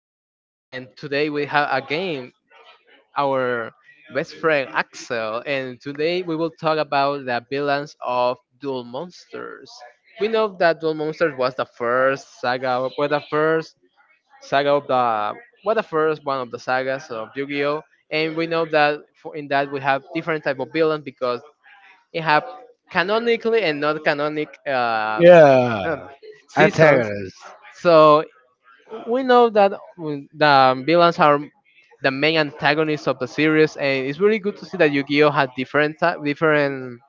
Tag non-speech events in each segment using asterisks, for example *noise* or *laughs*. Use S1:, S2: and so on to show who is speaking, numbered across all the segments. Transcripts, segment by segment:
S1: podcast. And today we have again our best friend Axel. And today we will talk about the villains of Duel Monsters. We know that Duel Monsters was the first saga, saga of the, was the first one of the sagas of Yu-Gi-Oh. And we know that in that we have different type of villains because it have canonically and not canonic *laughs*
S2: Yeah.
S1: seasons.
S2: Antagonist.
S1: So we know that the villains are the main antagonists of the series, and it's really good to see that Yu-Gi-Oh had different different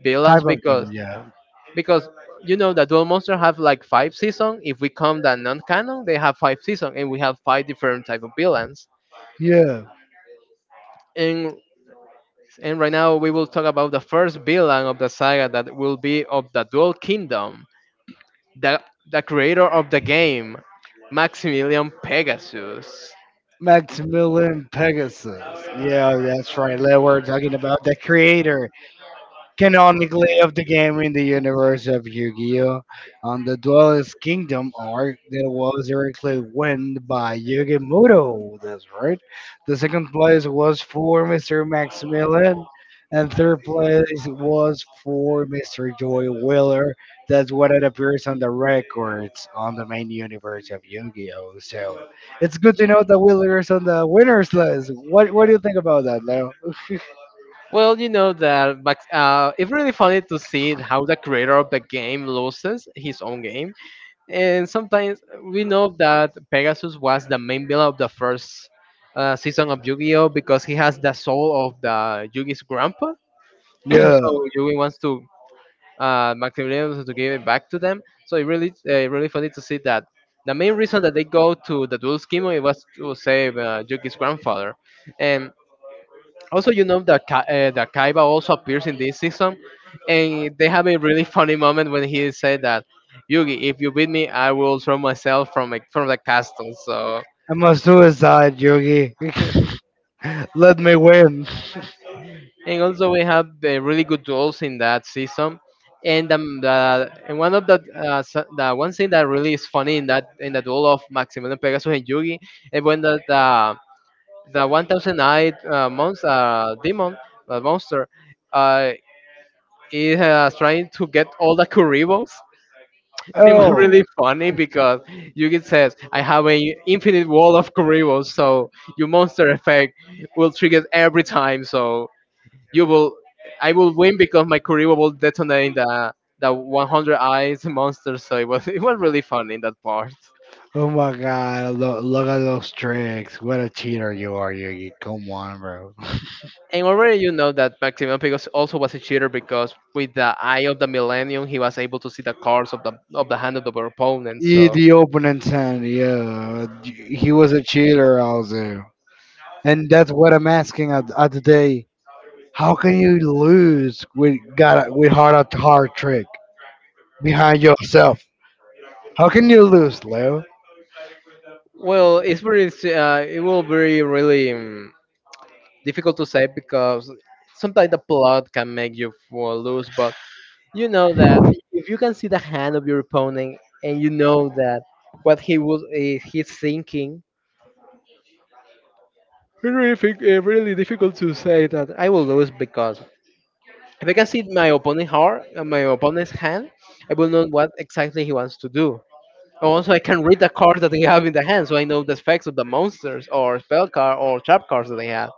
S1: villains
S2: Type of them,
S1: because
S2: yeah.
S1: because you know that Duel Monster have like five seasons. If we come the non-canon, they have five seasons, and we have five different type of villains.
S2: Yeah.
S1: And and right now we will talk about the first villain of the saga that will be of the Dual Kingdom, the the creator of the game, Maximilian Pegasus.
S2: Maximilian Pegasus. Yeah, that's right. That we're talking about the creator, canonically, of the game in the universe of Yu-Gi-Oh! On the Duelist Kingdom arc that was directly won by Yugi Muto. That's right. The second place was for Mr. Maximilian, and third place was for Mr. Joy Wheeler. That's what it appears on the records on the main universe of Yu-Gi-Oh! So it's good to know that Wheeler is on the winners list. What do you think about that, Leo?
S1: Well, you know that, but it's really funny to see how the creator of the game loses his own game. And sometimes we know that Pegasus was the main villain of the first season of Yu-Gi-Oh because he has the soul of the Yugi's grandpa. *clears throat*
S2: Yeah.
S1: So Yugi wants to Maximilian wants to give it back to them. So it really, really funny to see that. The main reason that they go to the dual scheme it was to save Yugi's grandfather, and also, you know that that Kaiba also appears in this season, and they have a really funny moment when he said that, "Yugi, if you beat me, I will throw myself from from the castle." So,
S2: I'm a suicide, Yugi. *laughs* *laughs* Let me win.
S1: and also we have really good duels in that season, and the and one of the the one thing that really is funny in that in the duel of Maximilian Pegasus and Yugi, and when the 1,000 eyed monster demon, the monster, uh, is trying to get all the Kuribos. It was
S2: Oh,
S1: really funny because Yugi says, I have an infinite wall of Kuribo, so your monster effect will trigger every time, so you will I will win because my Kuribo will detonate in the 100 eyes monster, so it was *laughs* it was really funny in that part.
S2: oh my God! Look at those tricks. What a cheater you are, Yugi. Come on, bro.
S1: And already you know that Maximilian Pigos also was a cheater because with the eye of the Millennium, he was able to see the cards of the hand of the
S2: *laughs*
S1: opponent.
S2: Eat
S1: So
S2: the opening hand. Yeah, he was a cheater also, and that's what I'm asking at today. How can you lose with got with hard at hard trick behind yourself? How can you lose, Leo?
S1: well, it's it will be really difficult to say because sometimes the plot can make you fall loose, but you know that if you can see the hand of your opponent and you know that what he's thinking, it's really, really difficult to say that I will lose because if I can see my opponent heart my opponent's hand, I will know what exactly he wants to do. Also I can read the cards that they have in the hand, so I know the effects of the monsters or spell card or trap cards that they have.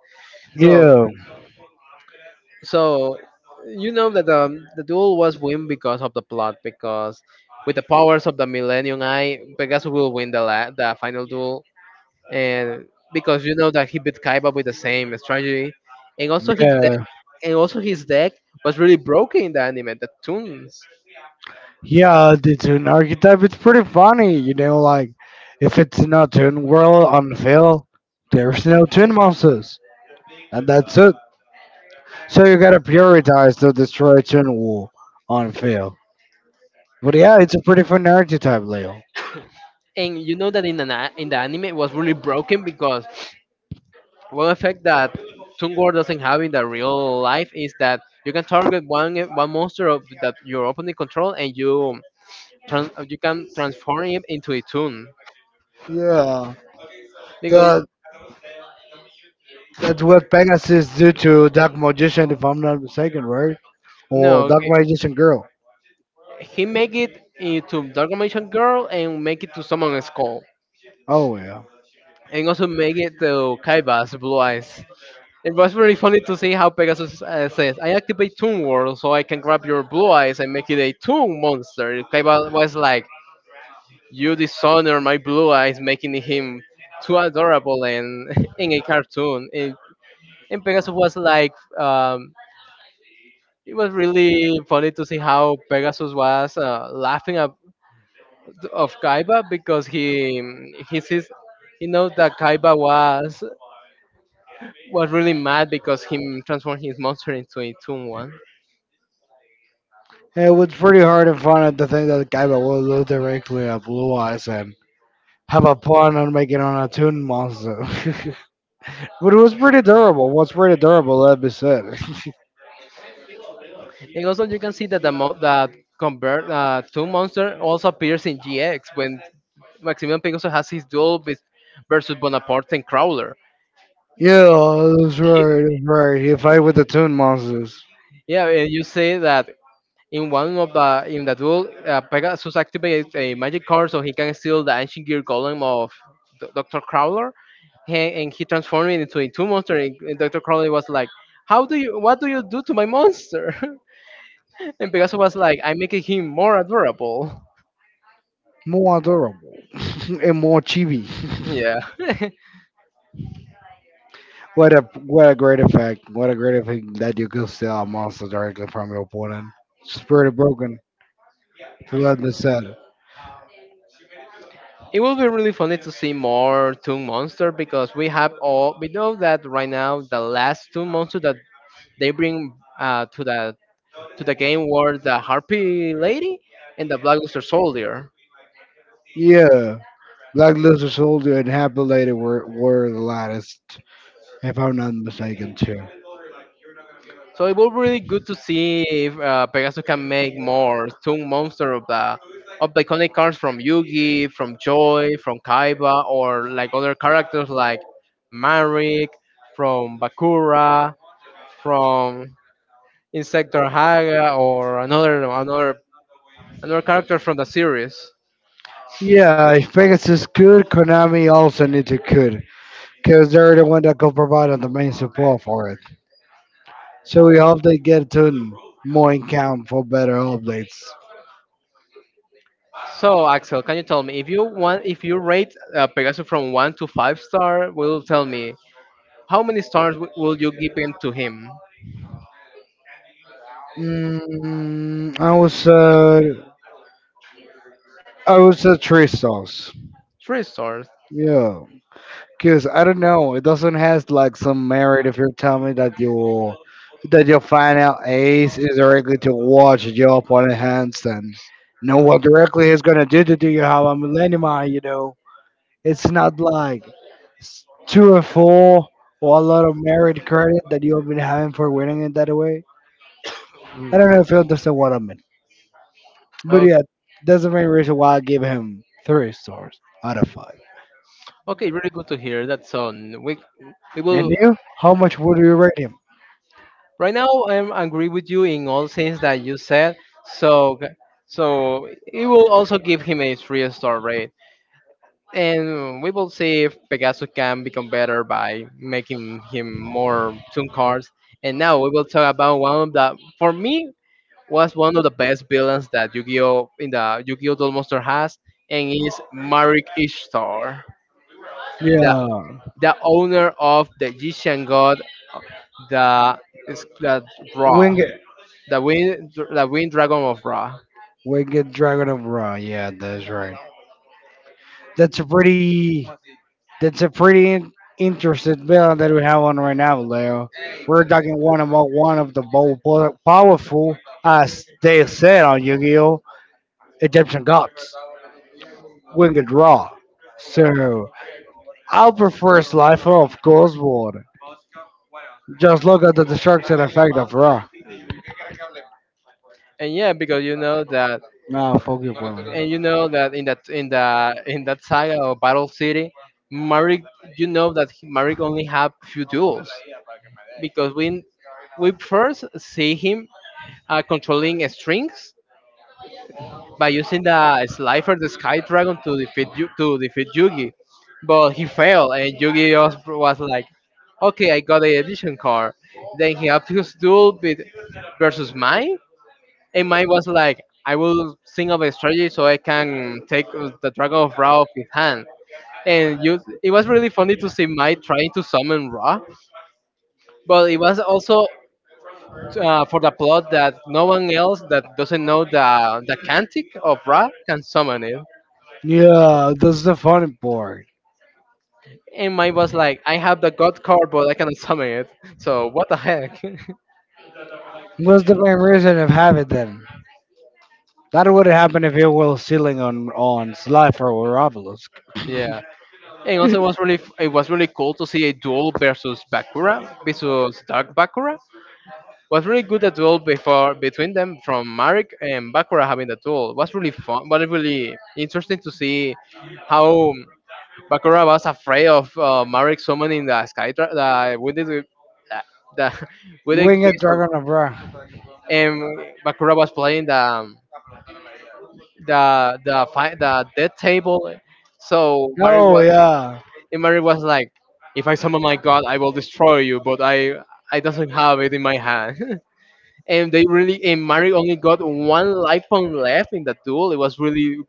S1: so
S2: Yeah,
S1: So you know that the duel was win because of the plot because with the powers of the Millennium Eye, Pegasus will win the final duel, and because you know that he beat Kaiba with the same strategy and also his deck
S2: yeah.
S1: and also his deck was really broken in the anime, the tunes.
S2: Yeah, the tune archetype it's pretty funny, you know, like if it's not tune world on Phil, there's no tune monsters. And that's it. So you gotta prioritize to destroy tune wall on Phil. But yeah, it's a pretty fun archetype, Leo.
S1: And you know that in in the anime it was really broken because one effect that Toon War doesn't have in the real life is that you can target one monster of that your opponent control, and you you can transform it into a tune.
S2: Yeah.
S1: Because
S2: That that's what Pegasus do to Dark Magician if I'm not mistaken, right? Or
S1: no,
S2: Dark Magician Girl.
S1: he make it into Dalgamatian girl and make it to someone skull,
S2: Oh yeah.
S1: and also make it to Kaiba's blue eyes. It was very funny to see how Pegasus says, "I activate Toon World so I can grab your blue eyes and make it a Toon monster." Kaiba was like, "You dishonor my blue eyes, making him too adorable and *laughs* in a cartoon." And Pegasus was like, it was really funny to see how Pegasus was laughing of Kaiba because he sees he knows that Kaiba was really mad because he transformed his monster into a Toon one.
S2: It was pretty hard and fun at the thing that guy that will look directly at Blue Eyes and have a pun on making an attuned monster. *laughs* But it was pretty durable. Was pretty durable, let me say.
S1: And also you can see that that convert Toon monster also appears in GX when Maximilian Pegasus has his duel with versus Bonaparte and Crowler.
S2: *laughs* Yeah, that's
S1: He-
S2: right, that's right. He fight with the tune monsters.
S1: yeah, and you say that in one of the in the duel, Pegasus activates a magic card so he can steal the ancient gear golem of Doctor Crowler, and he transformed it into a two monster. And Doctor Crowler was like, "How do you? What do you do to my monster?" *laughs* And Pegasus was like, "I'm making him more adorable."
S2: More durable, *laughs* and more chibi.
S1: Yeah,
S2: *laughs* What a great effect. What a great effect that you could steal a monster directly from your opponent. It's pretty broken. To let me say.
S1: *laughs* it will be really funny to see more Toon Monster because we have all we know that right now the last Toon Monster that they bring to the game were the Harpy Lady and the Blackluster Soldier.
S2: Yeah. Black Luther Soldier and Happy Lady were the latest, if I'm not mistaken, too.
S1: So it will be really good to see if Pegasus can make more Toon Monster of the iconic cards from Yugi, from Joy, from Kaiba, or like other characters like Marik, from Bakura, from Insector Haga, or another character from the series.
S2: Yeah, if Pegasus could, Konami also need to could, because they're the one that could provide the main support for it. So we hope they get to more in camp for better updates.
S1: So Axel, can you tell me if you rate Pegasus from one to five star, will tell me how many stars will you give him to him?
S2: Mm, I was a three stars.
S1: Three stars.
S2: Yeah. Cause I don't know, it doesn't has like some merit if you tell me that you that your final ace is directly to watch your opponent hands and know what directly he's gonna do to do you have a millennium, you know. It's not like two or four or a lot of merit credit that you have been having for winning it that way. I don't know if you understand what I mean. But
S1: Oh,
S2: yeah, that's the main reason why I give him three stars out of five.
S1: okay, really good to hear that. So n- we
S2: And
S1: will
S2: you? How much would you rate him?
S1: right now I am agree with you in all things that you said. So g- so it will also give him a three-star rate, and we will see if Pegasus can become better by making him more tune cards. And now we will talk about one of the, for me, was one of the best villains that Yu-Gi-Oh in the Yu-Gi-Oh! Duel Monster has, and is Marik Ishtar, the
S2: Yeah.
S1: the owner of the Egyptian god, uh, the is that Ra,
S2: Winged,
S1: the wind dragon of Ra.
S2: Winged Dragon of Ra. Yeah, that's right. That's a pretty. That's a pretty interesting villain that we have on right now, Leo. We're talking one about one of the most powerful, as they said on Yu-Gi-Oh, Egyptian gods, Winged Ra. So, I'll prefer Slifer, of course, but just look at the destruction effect of Raw.
S1: And yeah, because you know that,
S2: Nah, fuck you, bro.
S1: and you know that in that saga of Battle City, Marik, you know that Marik only have few duels because we first see him controlling strings by using the Slifer, the Sky Dragon, to to defeat Yugi, but he failed, and Yugi just was like, "Okay, I got a edition card." Then he upped his duel with versus Mai, and Mai was like, "I will think of a strategy so I can take the Dragon of Ra off his hand." And you, it was really funny to see Mai trying to summon Ra, but it was also for the plot that no one else that doesn't know the cantic of Ra can summon it.
S2: Yeah, that's the funny part.
S1: And mine was like, I have the god card, but I cannot summon it. So what the heck? *laughs*
S2: What's the main reason of having them? That would happen if it was ceiling on Slifer or Obelisk.
S1: Yeah. And also, it was really it was really cool to see a duel versus Bakura versus Dark Bakura. Was really good the duel before between them from Marek and Bakura having the duel. Was really fun, but it really interesting to see how Bakura was afraid of Marek summoning the Sky Dra- the with the *laughs* Wounded
S2: Winged
S1: Beast of,
S2: Dragon of Ra.
S1: and Bakura was playing the dead table. So Mary
S2: Oh
S1: was
S2: yeah,
S1: And Mary was like, if I summon my god, I will destroy you, but I doesn't have it in my hand. *laughs* And they really and Mary only got one life point left in the duel.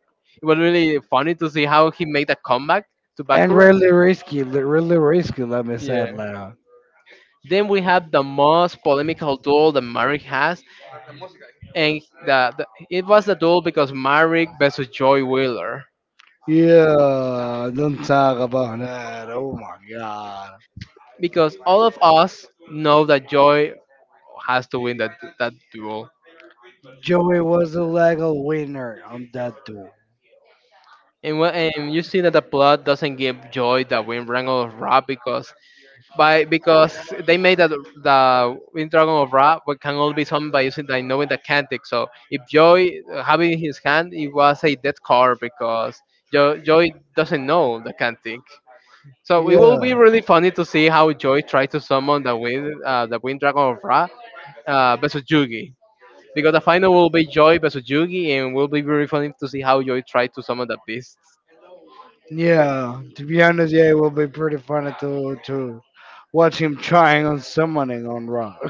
S1: It was really funny to see how he made a comeback to
S2: and
S1: Bakura.
S2: really risky, really risky. Let me say it
S1: Yeah.
S2: loud.
S1: Then we have the most polemical duel that Mary has, and the it was the duel because Mary versus Joy Wheeler,
S2: Yeah, don't talk about that. Oh my god.
S1: because all of us know that Joy has to win that duel.
S2: Joey was the legal winner on that duel.
S1: And you see that the plot doesn't give joy the Wind Dragon of Ra because by because they made that the Wind Dragon of Ra but can only be summoned by using the knowing the cantic. So if Joy having in his hand, it was a dead card because Joy doesn't know the cantic. So it will be
S2: Yeah.
S1: really funny to see how Joy tried to summon the Wind Dragon of Ra versus Yugi. Because the final will be Joy versus Yugi, and will be very funny to see how Joy tries to summon the beasts.
S2: Yeah. To be honest, yeah, it will be pretty funny to watch him trying on summoning on Raw. *laughs*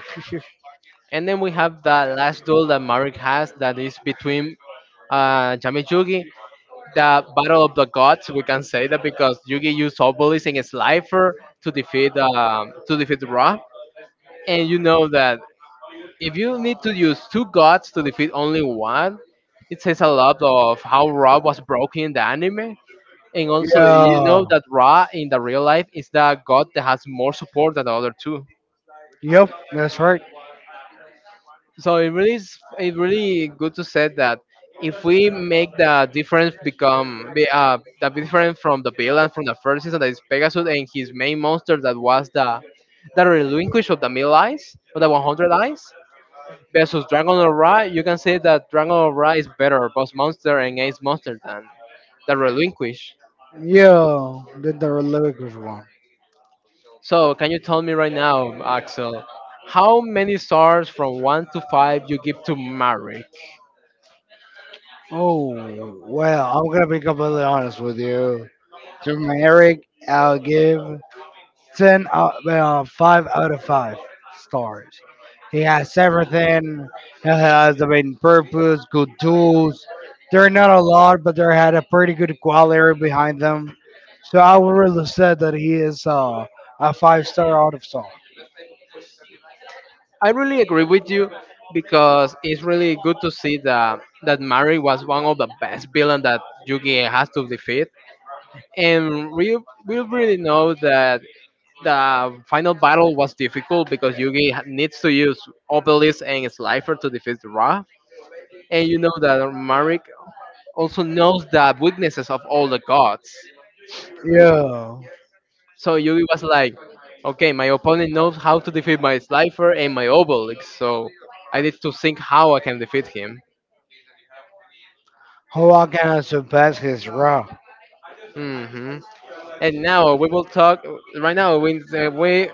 S1: And then we have the last duel that Marek has, that is between Jami Yugi, the battle of the gods. We can say that because Yugi used Obelisk and Slifer to defeat Ra, and you know that if you need to use two gods to defeat only one, it says a lot of how Ra was broken in the anime. And also, you
S2: Yeah.
S1: know that Ra in the real life is the god that has more support than the other two.
S2: Yep. That's right.
S1: So it really good to say that if we make the difference become be, the difference from the villain from the first season that is Pegasus and his main monster that was the relinquish of the mill eyes of the 100 eyes versus Dragon of Ra, you can say that Dragon of Ra is better boss monster and ace monster than the relinquish.
S2: Yeah. Did the lyrics one.
S1: So, can you tell me right now, Axel, how many stars from one to five you give to Mary?
S2: Oh well, I'm gonna be completely honest with you. To Eric, I'll give five out of five stars. He has everything. He has the main purpose, good tools. They're not a lot, but they had a pretty good quality behind them. So I would really say that he is a five-star out of star.
S1: I really agree with you because it's really good to see that Mary was one of the best villains that Yugi has to defeat, and we really know that the final battle was difficult because needs to use Obelisk and Slifer to defeat Ra, and you know that Mary also knows the weaknesses of all the gods.
S2: Yo,
S1: So Yugi was like, okay, my opponent knows how to defeat my Slifer and my Obelix, so I need to think how I can defeat him.
S2: who I can surpass his raw?
S1: hmm And now we will talk. Right now, we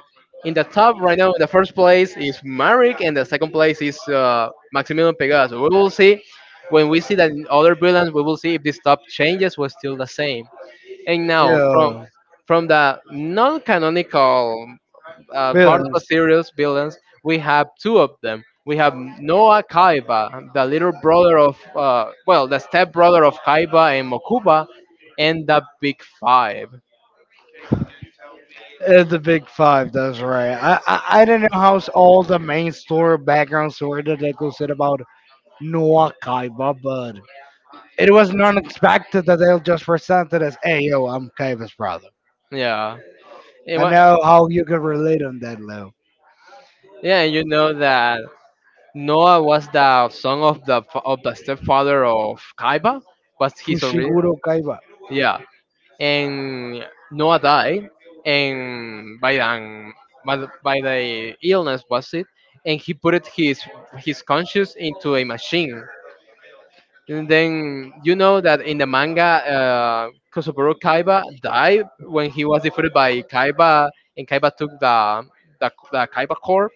S1: in the top right now. In the first place is Marek, and the second place is Maximilian Pegasus. We will see when we see that in other villains. We will see if this top changes was still the same. And now
S2: Yo,
S1: from the non-canonical part of the
S2: billions.
S1: series villains, we have two of them. We have Noah Kaiba, the little brother of, well, the stepbrother of Kaiba and Mokuba, and the Big Five.
S2: It's the big five, that's right. I didn't know how all the main story background story that they could say about Noah Kaiba, but it wasn't expected that they'll just present it as, hey, yo, I'm Kaiba's brother.
S1: Yeah. And
S2: I know
S1: wha-
S2: how you can relate on that level.
S1: yeah, and you know that Noah was the son of of the stepfather of Kaiba, was his original.
S2: Fushiguro Kaiba.
S1: Yeah, and Noah died, and by by the illness was it, and he put it his conscience into a machine. And then you know that in the manga, Kosoburo Kaiba died when he was defeated by Kaiba, and Kaiba took the Kaiba Corp.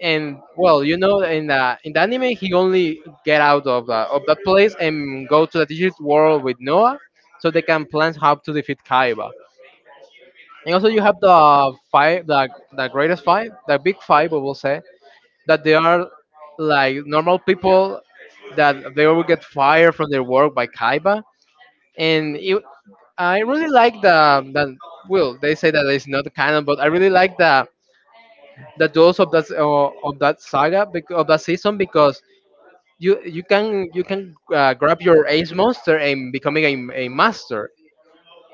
S1: And well, you know, in the anime, he only get out of the, of that place and go to the digital world with Noah, so they can plan how to defeat Kaiba. And also you have the five, the greatest five, the big five, we will say that they are like normal people that they will get fired from their work by Kaiba. And it, I really like the well, they say that it's not canon, but I really like the duels of that saga of that season because you you can grab your ace monster and becoming a master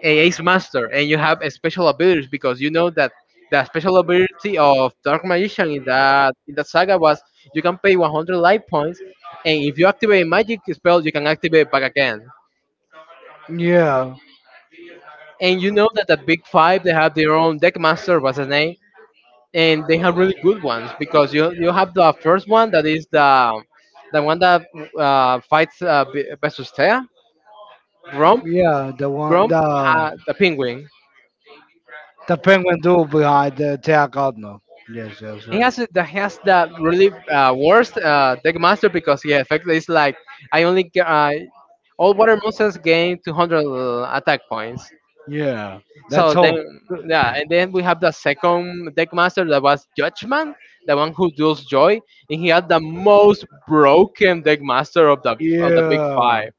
S1: a ace master and you have a special abilities because you know that the special ability of dark magician in that saga was you can pay 100 life points and if you activate a magic spell you can activate it back again
S2: Yeah.
S1: and you know that the big five they have their own deck master what's his name and they have really good ones because you have the first one that is the one that versus Thea, Grump,
S2: Yeah,
S1: Grump, the penguin.
S2: the penguin dude behind the Teakatno. Yes, that's right.
S1: That has the really worst deck master because yeah, effectively it's like I only get, all water monsters gain 200 attack points.
S2: Yeah. That's
S1: So
S2: all.
S1: then, yeah, and then we have the second deck master that was Judgment, the one who deals joy, and he had the most broken deck master of the big
S2: Yeah.
S1: five,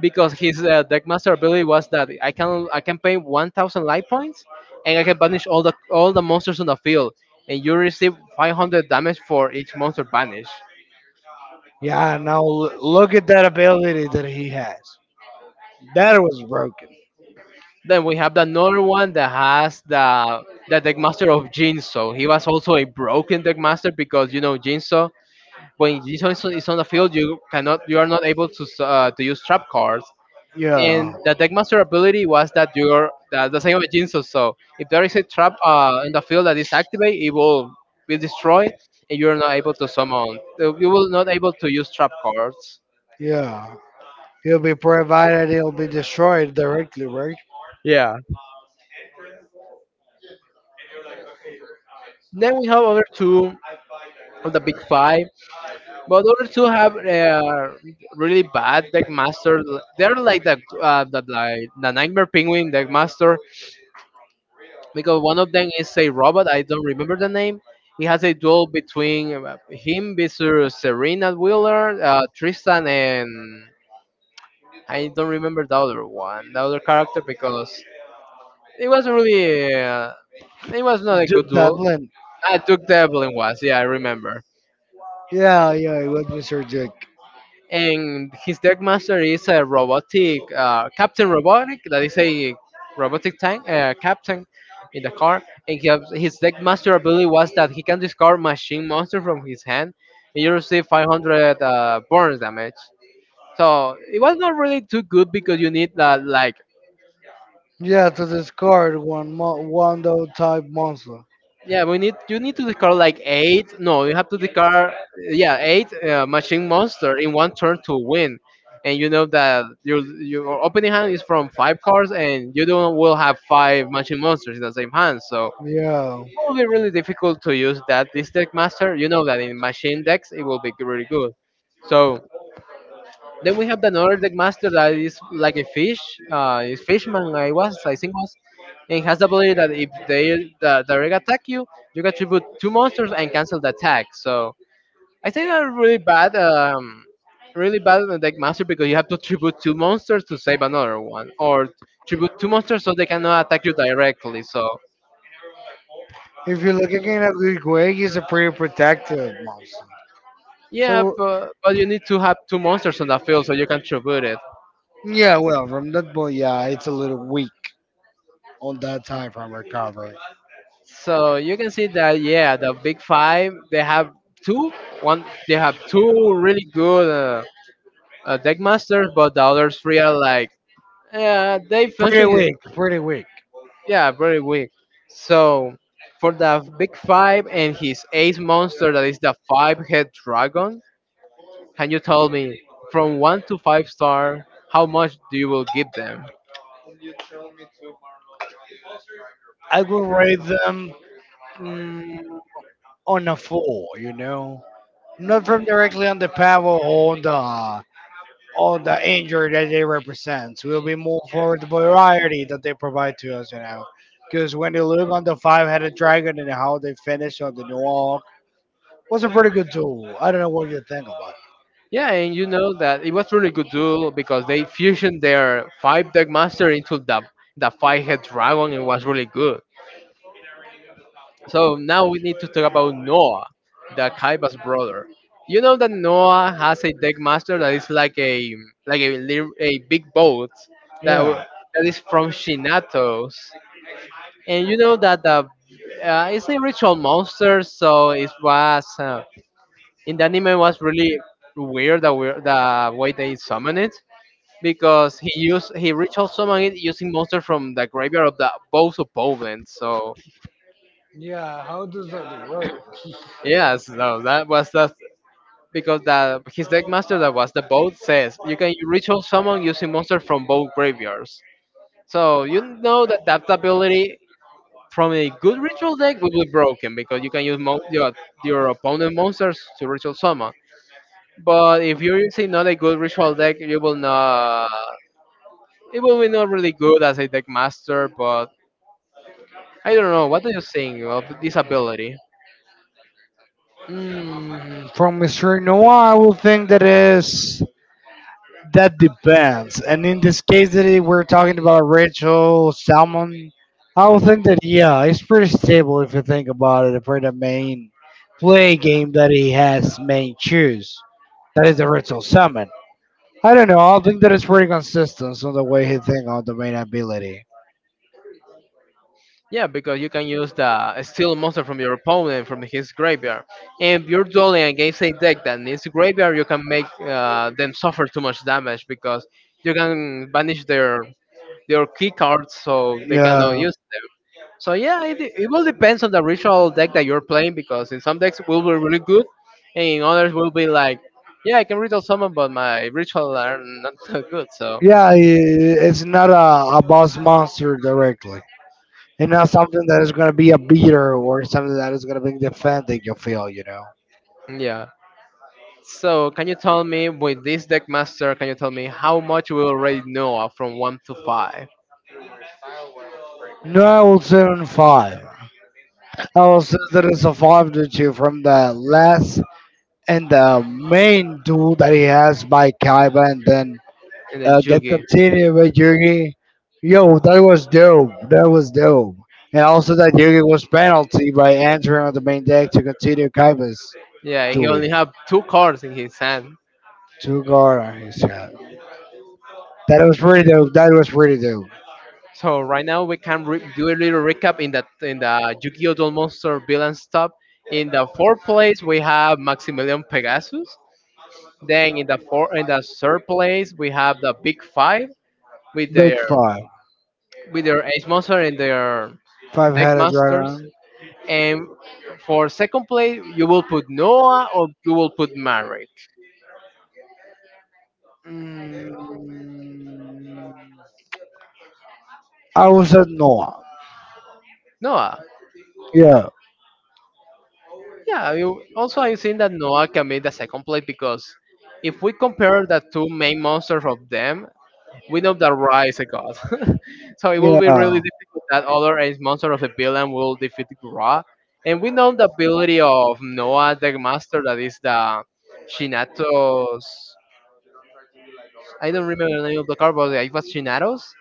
S1: because his deck master ability was that I can pay 1,000 life points, and I can banish all the monsters on the field, and you receive 500 damage for each monster banished.
S2: Yeah. Now look at that ability that he has. That was broken.
S1: Then we have another one that has the deck master of Jinso. He was also a broken deck master because you know Jinso when Jason is on the field, you cannot, you are not able to use trap cards.
S2: Yeah.
S1: And the deckmaster ability was that you're that the same with Jinso. So if there is a trap in the field that is activate, it will be destroyed, and you are not able to summon. You will not able to use trap cards.
S2: Yeah. He'll be provided. He'll be destroyed directly, right?
S1: Yeah. Then we have other two of the big five, but other two have really bad deck master. They're like the nightmare penguin deck because one of them is a robot. I don't remember the name. It has a duel between him, versus Serena Wheeler, Tristan, and I don't remember the other one, the other character, because it was really, it was not a good
S2: Duke
S1: duel.
S2: Dublin.
S1: I took the Evelyn was, yeah, I remember.
S2: Yeah. Yeah. It was Mr. Duke.
S1: And his deck master is a robotic captain robotic that is a robotic tank captain in the car and his deck master ability was that he can discard machine monster from his hand and you receive 500 burns damage so it was not really too good because you need that like
S2: Yeah, to discard one though type monster.
S1: yeah, we need you need to discard like eight. No, you have to discard yeah eight machine monster in one turn to win, and you know that your opening hand is from five cards, and you don't will have five machine monsters in the same hand. So it
S2: Yeah.
S1: will be really difficult to use that this deck master. You know that in machine decks it will be really good. So then we have another deck master that is like a fish, is fishman I was, I think was, and has the ability that if they the direct attack you, you can tribute two monsters and cancel the attack. So I think that's really bad on the deck master because you have to tribute two monsters to save another one, or tribute two monsters so they cannot attack you directly. So
S2: If you're looking at a, he's a pretty protective monster.
S1: yeah,
S2: So,
S1: but you need to have two monsters on the field so you can tribute it.
S2: yeah, well, from that point, yeah, it's a little weak on that time from recovery.
S1: So you can see that yeah, the big five they have two one they have two really good deck masters, but the others three are like yeah they
S2: Pretty
S1: function
S2: weak, pretty weak.
S1: yeah very weak. So for the big five and his ace monster that is the five head dragon, can you tell me from one to five star how much do you will give them?
S2: I will rate them, mm, on a four, you know? Not from directly on the power or on the all the injury that they represent. So we'll be more for the variety that they provide to us, you know. Because when you look on the five-headed dragon and how they finish on the New York, was a pretty good duel. I don't know what you think about it.
S1: Yeah, and you know that it was really good duel because they fusioned their five deck master into the five head dragon. It was really good. So now we need to talk about Noah, the Kaiba's brother. You know that Noah has a deck master that is like a a big boat
S2: Yeah,
S1: that is from Shinatos, and you know that the it's a ritual monster, so it was in the anime it was really weird the way they summon it because he ritual summoned it using monsters from the graveyard of the both opponents. So
S2: yeah. How does that work?
S1: yeah, so that was that because the his deck master that was the boat says you can ritual summon using monsters from both graveyards. So you know that that ability from a good ritual deck will be broken because you can use your opponent monsters to ritual summon. But if you're using not a good ritual deck, you will not. It will be not really good as a deck master, but I don't know. What are you saying of this ability?
S2: Yeah. Mm, from Mr. Noah, I will think that is. That depends. And in this case that we're talking about Rachel Salmon, I would think that yeah, it's pretty stable if you think about it for the main play game that he has main choose. That is the Rachel Salmon. I don't know, I think that it's pretty consistent on the way he think on the main ability.
S1: Yeah, because you can use the steal a monster from your opponent from his graveyard. And you're dueling against a deck that needs graveyard, you can make them suffer too much damage because you can banish their key cards so they cannot
S2: Yeah.
S1: use them. So yeah, it will depends on the ritual deck that you're playing because in some decks will be really good, and in others will be like, yeah, I can ritual summon, but my ritual are not *laughs* so good. So
S2: Yeah, it's not a, a boss monster directly. And not something that is gonna be a beater or something that is gonna be defending your field, you know.
S1: yeah. So, can you tell me with this deck master? Can you tell me how much we already know from one to five?
S2: No, I will say on five. I will say that it's a five to two from the last and the main duel that he has by Kaiba, and then
S1: And then
S2: get
S1: Yugi,
S2: continued with Yugi. Yo, that was dope. That was dope. And also that Yugi was penalty by entering on the main deck to continue Kaiba's
S1: yeah, he
S2: duel.
S1: only have two cards in his hand.
S2: Two guard on his head. That was pretty dope. That was pretty dope.
S1: So right now we can do a little recap in the Yu-Gi-Oh! Duel Monster Villains top. In the fourth place we have Maximilian Pegasus. Then in the four in the third place we have the Big Five with
S2: Big
S1: their
S2: five.
S1: with their Ace Monster and their
S2: Five
S1: Deck
S2: headed
S1: Masters.
S2: dragon.
S1: And for second place, you will put Noah or you will put Maverick.
S2: Mm. I would say no.
S1: Noah.
S2: Yeah,
S1: Yeah. You, also, I think that Noah can be the second place because if we compare the two main monsters of them, we know that Ra is a god. *laughs* So it will be
S2: yeah,
S1: really difficult that other ace monster of the villain will defeat Ra. And we know the ability of Noah, the master, that is the Shinato's. I don't remember the name of the card, but it was Shinato's.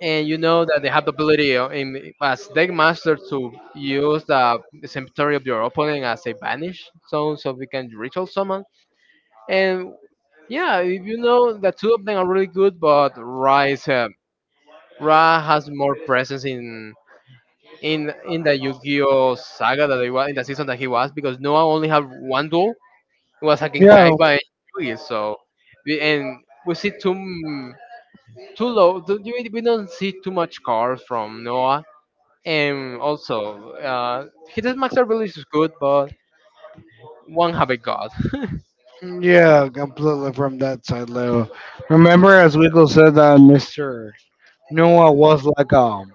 S1: And you know that they have the ability in as deck master to use the cemetery of your opponent as a banish zone, so we can ritual summon. And yeah, if you know, the two of them are really good, but rise Ra has more presence in in the Yu-Gi-Oh saga that he was, in the season that he was, because Noah only had one duel. It was against
S2: yeah,
S1: Kaiba and Yugi, so we see too m- too low. Th- we don't see too much cars from Noah. And also, his max ability is good, but one have a god. *laughs*
S2: yeah. Completely from that side, Leo. Remember, as Winkle said, that Mister Noah was like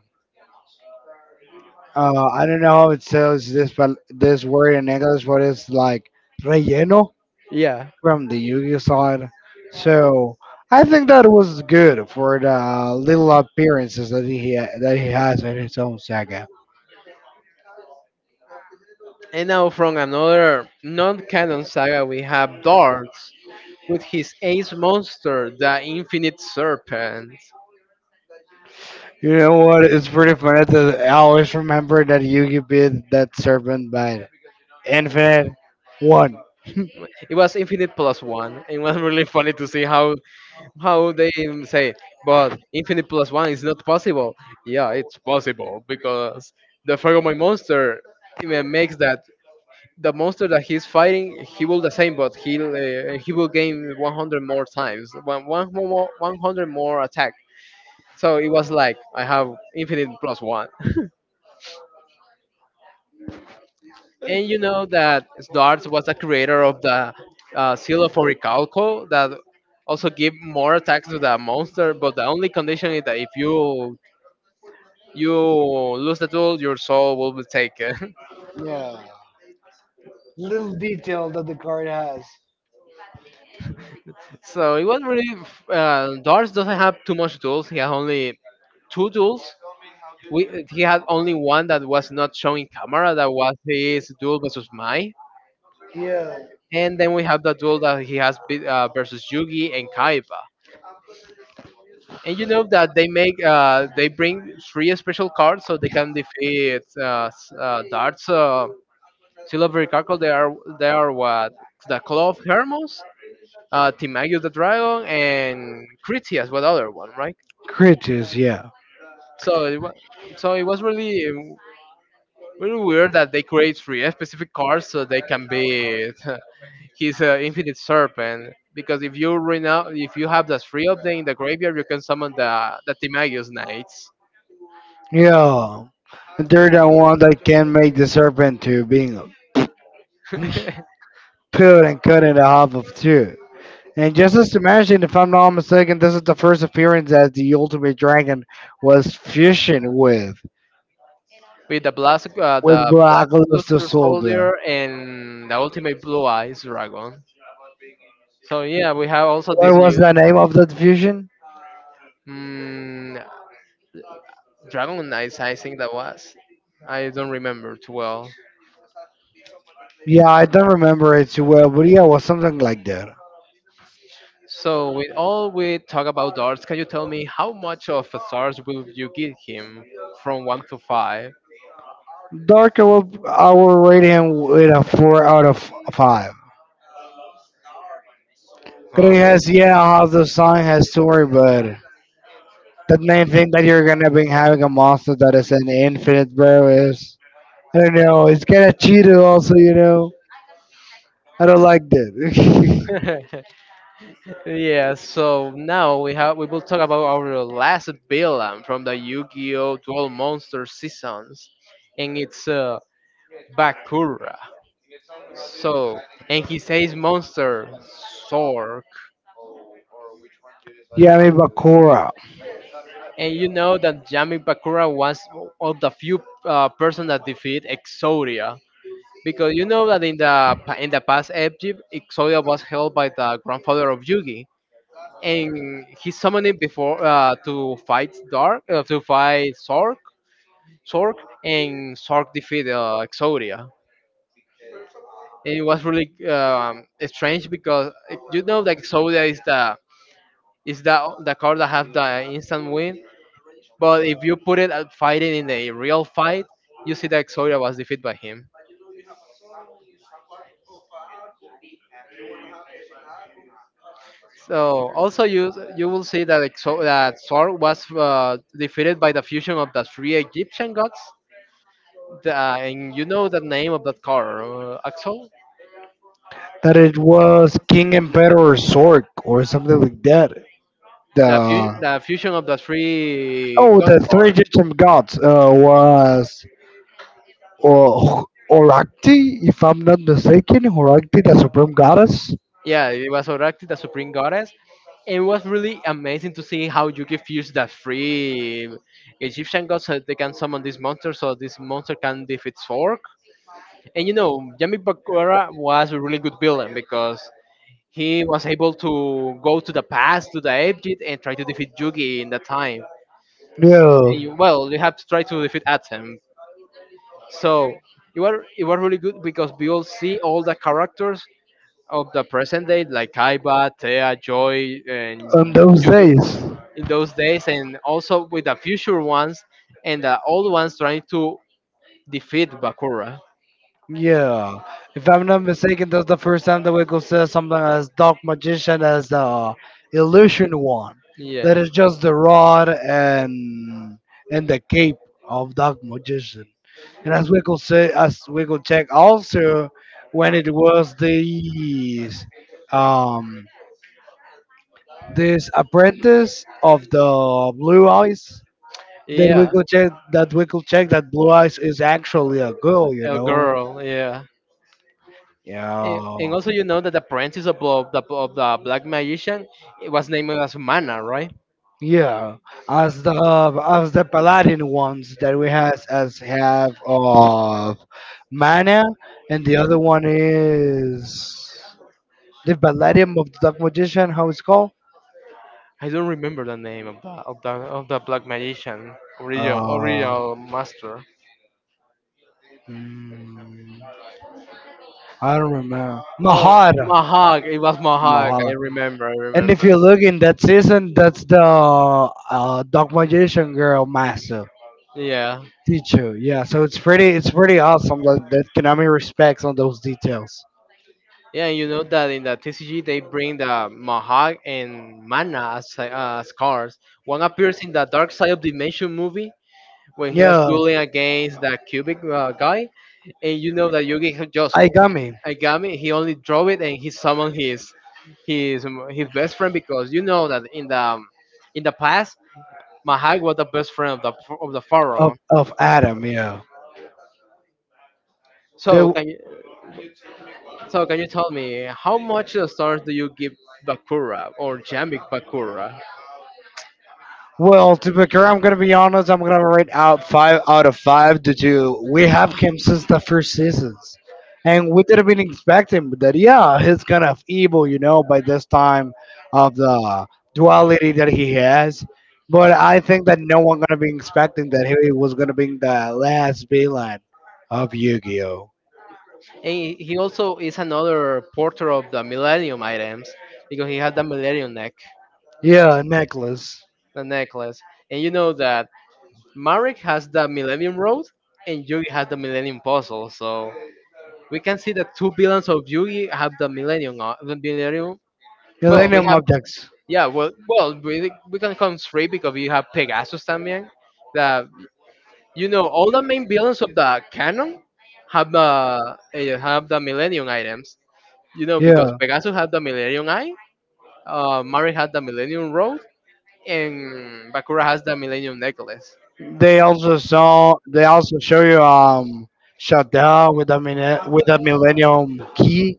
S2: I don't know how it says this, but this word in English, but it's like relleno
S1: Yeah.
S2: from the Yu-Gi-Oh side. So I think that was good for the little appearances that that he has in his own saga.
S1: And now from another non-canon saga, we have Darts with his ace monster, the Infinite Serpent.
S2: You know what? It's pretty funny that I always remember that you beat that serpent by infinite one. *laughs*
S1: It was Infinite plus one. It was *laughs* really funny to see how they say, but Infinite plus one is not possible. Yeah, it's possible because the Ferromone monster makes that the monster that he's fighting, he will the same, but he will gain 100 more times, one, one more, 100 more attack. So it was like I have infinite plus one. *laughs* And you know that Darts was the creator of the seal of Oricalco that also give more attacks to the monster, but the only condition is that if you you lose the tool, your soul will be taken. *laughs*
S2: Yeah. Little detail that the card has.
S1: So it was really Darts doesn't have too much tools. He has only two tools. We he had only one that was not showing camera. That was his duel versus Mai,
S2: Yeah.
S1: and then we have the duel that he has versus Yugi and Kaiba. And you know that they make they bring three special cards so they can defeat darts. Silver Carco, they are what the Claw of Hermos, Timaeus the Dragon, and Critias, what other one, right?
S2: Creatures, yeah.
S1: So it was so it was really really weird that they create three specific cards so they can beat *laughs* his infinite serpent. Because if you run out, if you have the three of them in the graveyard, you can summon the Timaeus Knights
S2: Yeah. They're the one that can make the serpent to being
S1: *laughs*
S2: put and cut in half of two. And just as mentioned, if I'm not mistaken, this is the first appearance that the Ultimate Dragon was fusion
S1: with
S2: with
S1: the Black
S2: Black Luster
S1: Luster
S2: Soldier.
S1: Soldier, and the ultimate Blue Eyes Dragon. So yeah, we have also
S2: What
S1: this
S2: was
S1: year
S2: the name of that fusion?
S1: mm, Dragon Knights. I think that was. I don't remember too well.
S2: Yeah, I don't remember it too well, but yeah, it was something like that.
S1: So, with all we talk about darts, can you tell me how much of a stars will you give him from one to five?
S2: Darko, will I will rate him with a four out of five. Because
S1: Oh,
S2: he has, yeah, how the song has story, but the main thing that you're gonna be having a monster that is an infinite, bro, is I don't know. It's kind of cheated, also, you know. I don't like that.
S1: *laughs* yeah. So now we have we will talk about our last villain from the Yu-Gi-Oh! Duel Monster seasons, and it's Bakura. So, and he says monster Sork.
S2: *laughs* Yeah, I mean Bakura.
S1: And you know that Yami Bakura was one of the few person that defeat Exodia, because you know that in in the past Egypt, Exodia was held by the grandfather of Yugi, and he summoned him before to fight Dark to fight Sork, Sork, and Sork defeated Exodia. And it was really strange because if you know that Exodia is the is the card that has the instant win, but if you put it at fighting in a real fight, you see that Exodia was defeated by him. So also you will see that Thor was defeated by the fusion of the three Egyptian gods. The, and you know the name of that car, Axel.
S2: That it was King Emperor Zork or something like that.
S1: The,
S2: The,
S1: the fusion of the three
S2: oh,
S1: god
S2: the three
S1: car.
S2: Egyptian gods was or Orakti, if I'm not mistaken, Orakti, the supreme goddess.
S1: Yeah, it was Oracti, the supreme goddess, and it was really amazing to see how you can fuse the three Egyptian gods, so they can summon this monster, so this monster can defeat Thor. And you know, Yami Bakura was a really good villain because he was able to go to the past to the Abjit and try to defeat Yugi in that time.
S2: Yeah.
S1: And you have to try to defeat Atem. So it was really good because we all see all the characters of the present day like Kaiba, Tea, Joy, and
S2: On those
S1: Yugi
S2: days.
S1: in those days, and also with the future ones and the old ones trying to defeat Bakura.
S2: Yeah. If I'm not mistaken, that's the first time the Wiggles says something as Dark Magician as the Illusion one.
S1: Yeah,
S2: That is just the rod and the cape of Dark Magician. And as Wiggles say, as Wiggles check also when it was the um, this apprentice of the Blue Eyes,
S1: yeah,
S2: that we could check that Blue Eyes is actually a girl, you
S1: a
S2: know.
S1: girl. Yeah, And,
S2: Yeah,
S1: and also, you know that the apprentice of the black magician, it was named as Mana, right?
S2: yeah. As the, as the Paladin ones that we has as have of Mana, and the other one is the Paladin of the Dark Magician. How it's called?
S1: I don't remember the name of the black magician
S2: Uh,
S1: original master.
S2: mm, I don't remember.
S1: Oh,
S2: Mahara.
S1: Mahag. It was Mahag. I
S2: Mahara.
S1: remember. I
S2: And if
S1: remember.
S2: you look in that season, that's the dog magician girl master
S1: Yeah.
S2: teacher. Yeah, so it's pretty, it's pretty awesome that, that Konami respects on those details.
S1: Yeah, you know that in the TCG they bring the Mahag and Mana as cards. One appears in the Dark Side of Dimension movie when he was
S2: Yeah,
S1: dueling against the Cubic guy, and you know that Yugi can just
S2: Aigami,
S1: Agami. He only draw it and he summoned his his best friend, because you know that in the past Mahag was the best friend of the pharaoh.
S2: of Adam. Yeah,
S1: So
S2: they.
S1: can you tell me how much of the stars do you give Bakura or Jamik Bakura?
S2: Well, to be fair, I'm gonna be honest. I'm gonna rate out five out of five due to we have him since the first seasons, and we didn't been expecting that. Yeah, he's kind of evil, you know, by this time of the duality that he has. But I think that no one gonna be expecting that he was gonna be the last villain of Yu-Gi-Oh.
S1: And he also is another porter of the Millennium items because he has the Millennium neck,
S2: Yeah, necklace.
S1: the necklace, and you know that Marek has the Millennium Road and Yugi has the Millennium Puzzle. So we can see that two villains of Yugi have the Millennium. The Millennium. Well, we
S2: Millennium
S1: have
S2: objects.
S1: yeah. Well, well, We can count three because you have Pegasus también. The You know all the main villains of the canon have have the Millennium items. You know, because Pegasus had the Millennium Eye, Marek had the Millennium Road, and Bakura has the Millennium Necklace
S2: They also saw. They also show you um, shutdown with a minute with a millennium key.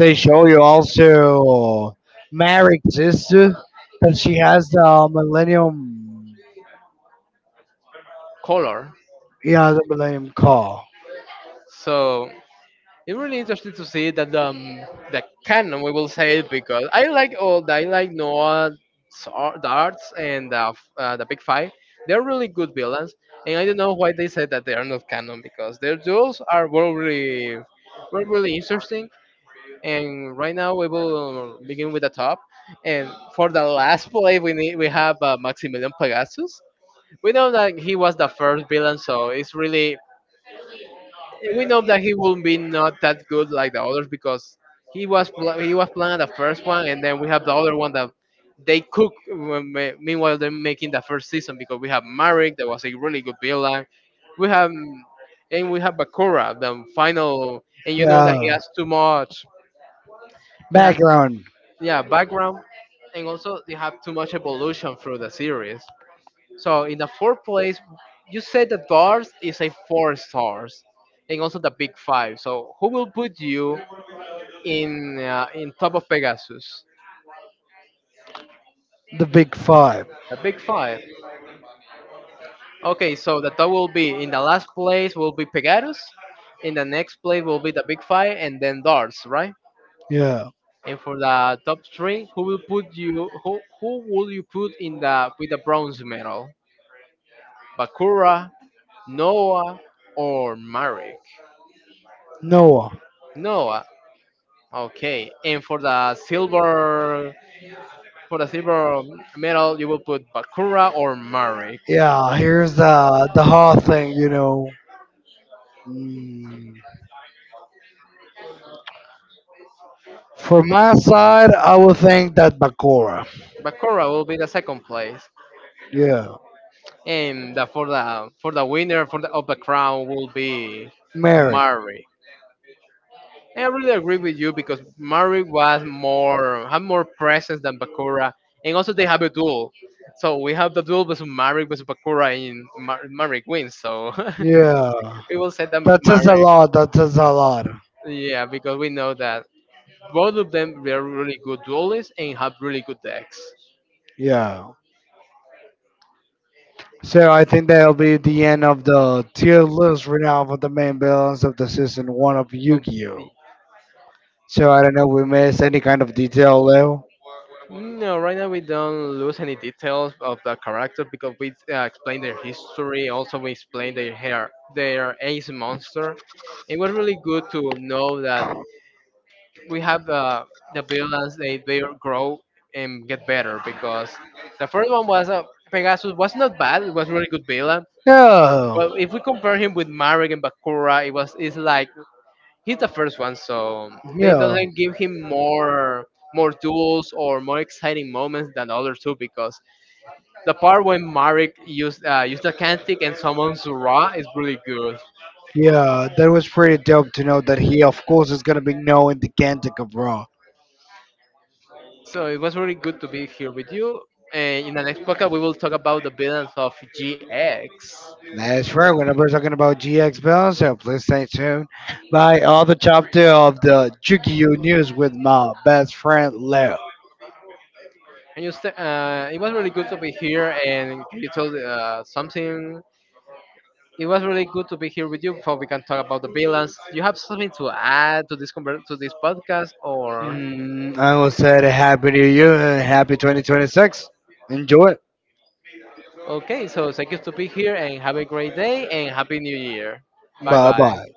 S2: They show you also Maric's sister that she has the millennium.
S1: color.
S2: Yeah, the millennium call.
S1: So it's really interesting to see that the canon we will say it because I like all that. I like Noah, ar- the and the big five. They're really good villains, and I don't know why they said that they are not canon because their duels are were really interesting. And right now we will begin with the top, and for the last play we have Maximilian Pegasus. We know that he was the first villain, so it's really and we know that he will be not that good like the others because he was playing the first one, and then we have the other one that they cook. Meanwhile, they're making the first season because we have Marek that was a really good villain. We have And we have Bakura, the final, and you know that he
S2: Yeah,
S1: has too much. It has
S2: background.
S1: Yeah, background, and also they have too much evolution through the series. So in the fourth place, you said that bars is a four stars, and also the big five. So who will put you in top of Pegasus?
S2: The big five.
S1: The big five. Okay, so the top will be, in the last place will be Pegasus, in the next place will be the big five, and then Darts, right?
S2: Yeah.
S1: And for the top three, who will put you? Who will you put in the with the bronze medal? Bakura, Noah, or Marek?
S2: Noah.
S1: Noah. Okay, and for the silver medal, you will put Bakura or Marek.
S2: Yeah, here's the hard thing, you know. Mm. For my side, I would think that Bakura.
S1: Bakura will be the second place,
S2: Yeah.
S1: and for the winner for the of the crown will be
S2: Mary.
S1: Marek. I really agree with you because Marek was more had more presence than Bakura, and also they have a duel. So we have the duel versus Marek versus Bakura, and Marek wins. So
S2: Yeah.
S1: *laughs* we will say that
S2: That says a
S1: Marek,
S2: lot. That says a lot.
S1: yeah, because we know that both of them they are really good duelists and have really good decks.
S2: Yeah. So I think that'll be the end of the tier list right now for the main balance of the season one of
S1: Um,
S2: Yu-Gi-Oh. So I don't know, if we missed any kind of detail, Leo?
S1: No, right now we don't lose any details of the character because we explain their history. Also, we explain their hair, their ace monster. It was really good to know that we have the villains. They grow and get better because the first one was Pegasus was not bad. It was really good villain.
S2: Yeah.
S1: But if we compare him with Marek and Bakura, it was it's like he's the first one, so they
S2: Yeah,
S1: doesn't give him more more duels or more exciting moments than the other two because the part when Marek used used a cantic and summons Ra is really good.
S2: yeah, that was pretty dope to know that he, of course, is gonna be knowing the Gantica, bro.
S1: So it was really good to be here with you. And in the next podcast, we will talk about the villains of GX.
S2: That's right. Whenever we're talking about GX Bell, so please stay tuned by all the chapter of the Yu news with my best friend Leo.
S1: And you, it was really good to be here. And can you tell something? It was really good to be here with you before we can talk about the villains. Do you have something to add to this to this podcast or?
S2: Mm, I will say that happy to you and happy 2026. Enjoy.
S1: Okay, so thank you to be here and have a great day and happy new year. Bye
S2: Bye
S1: bye.
S2: bye.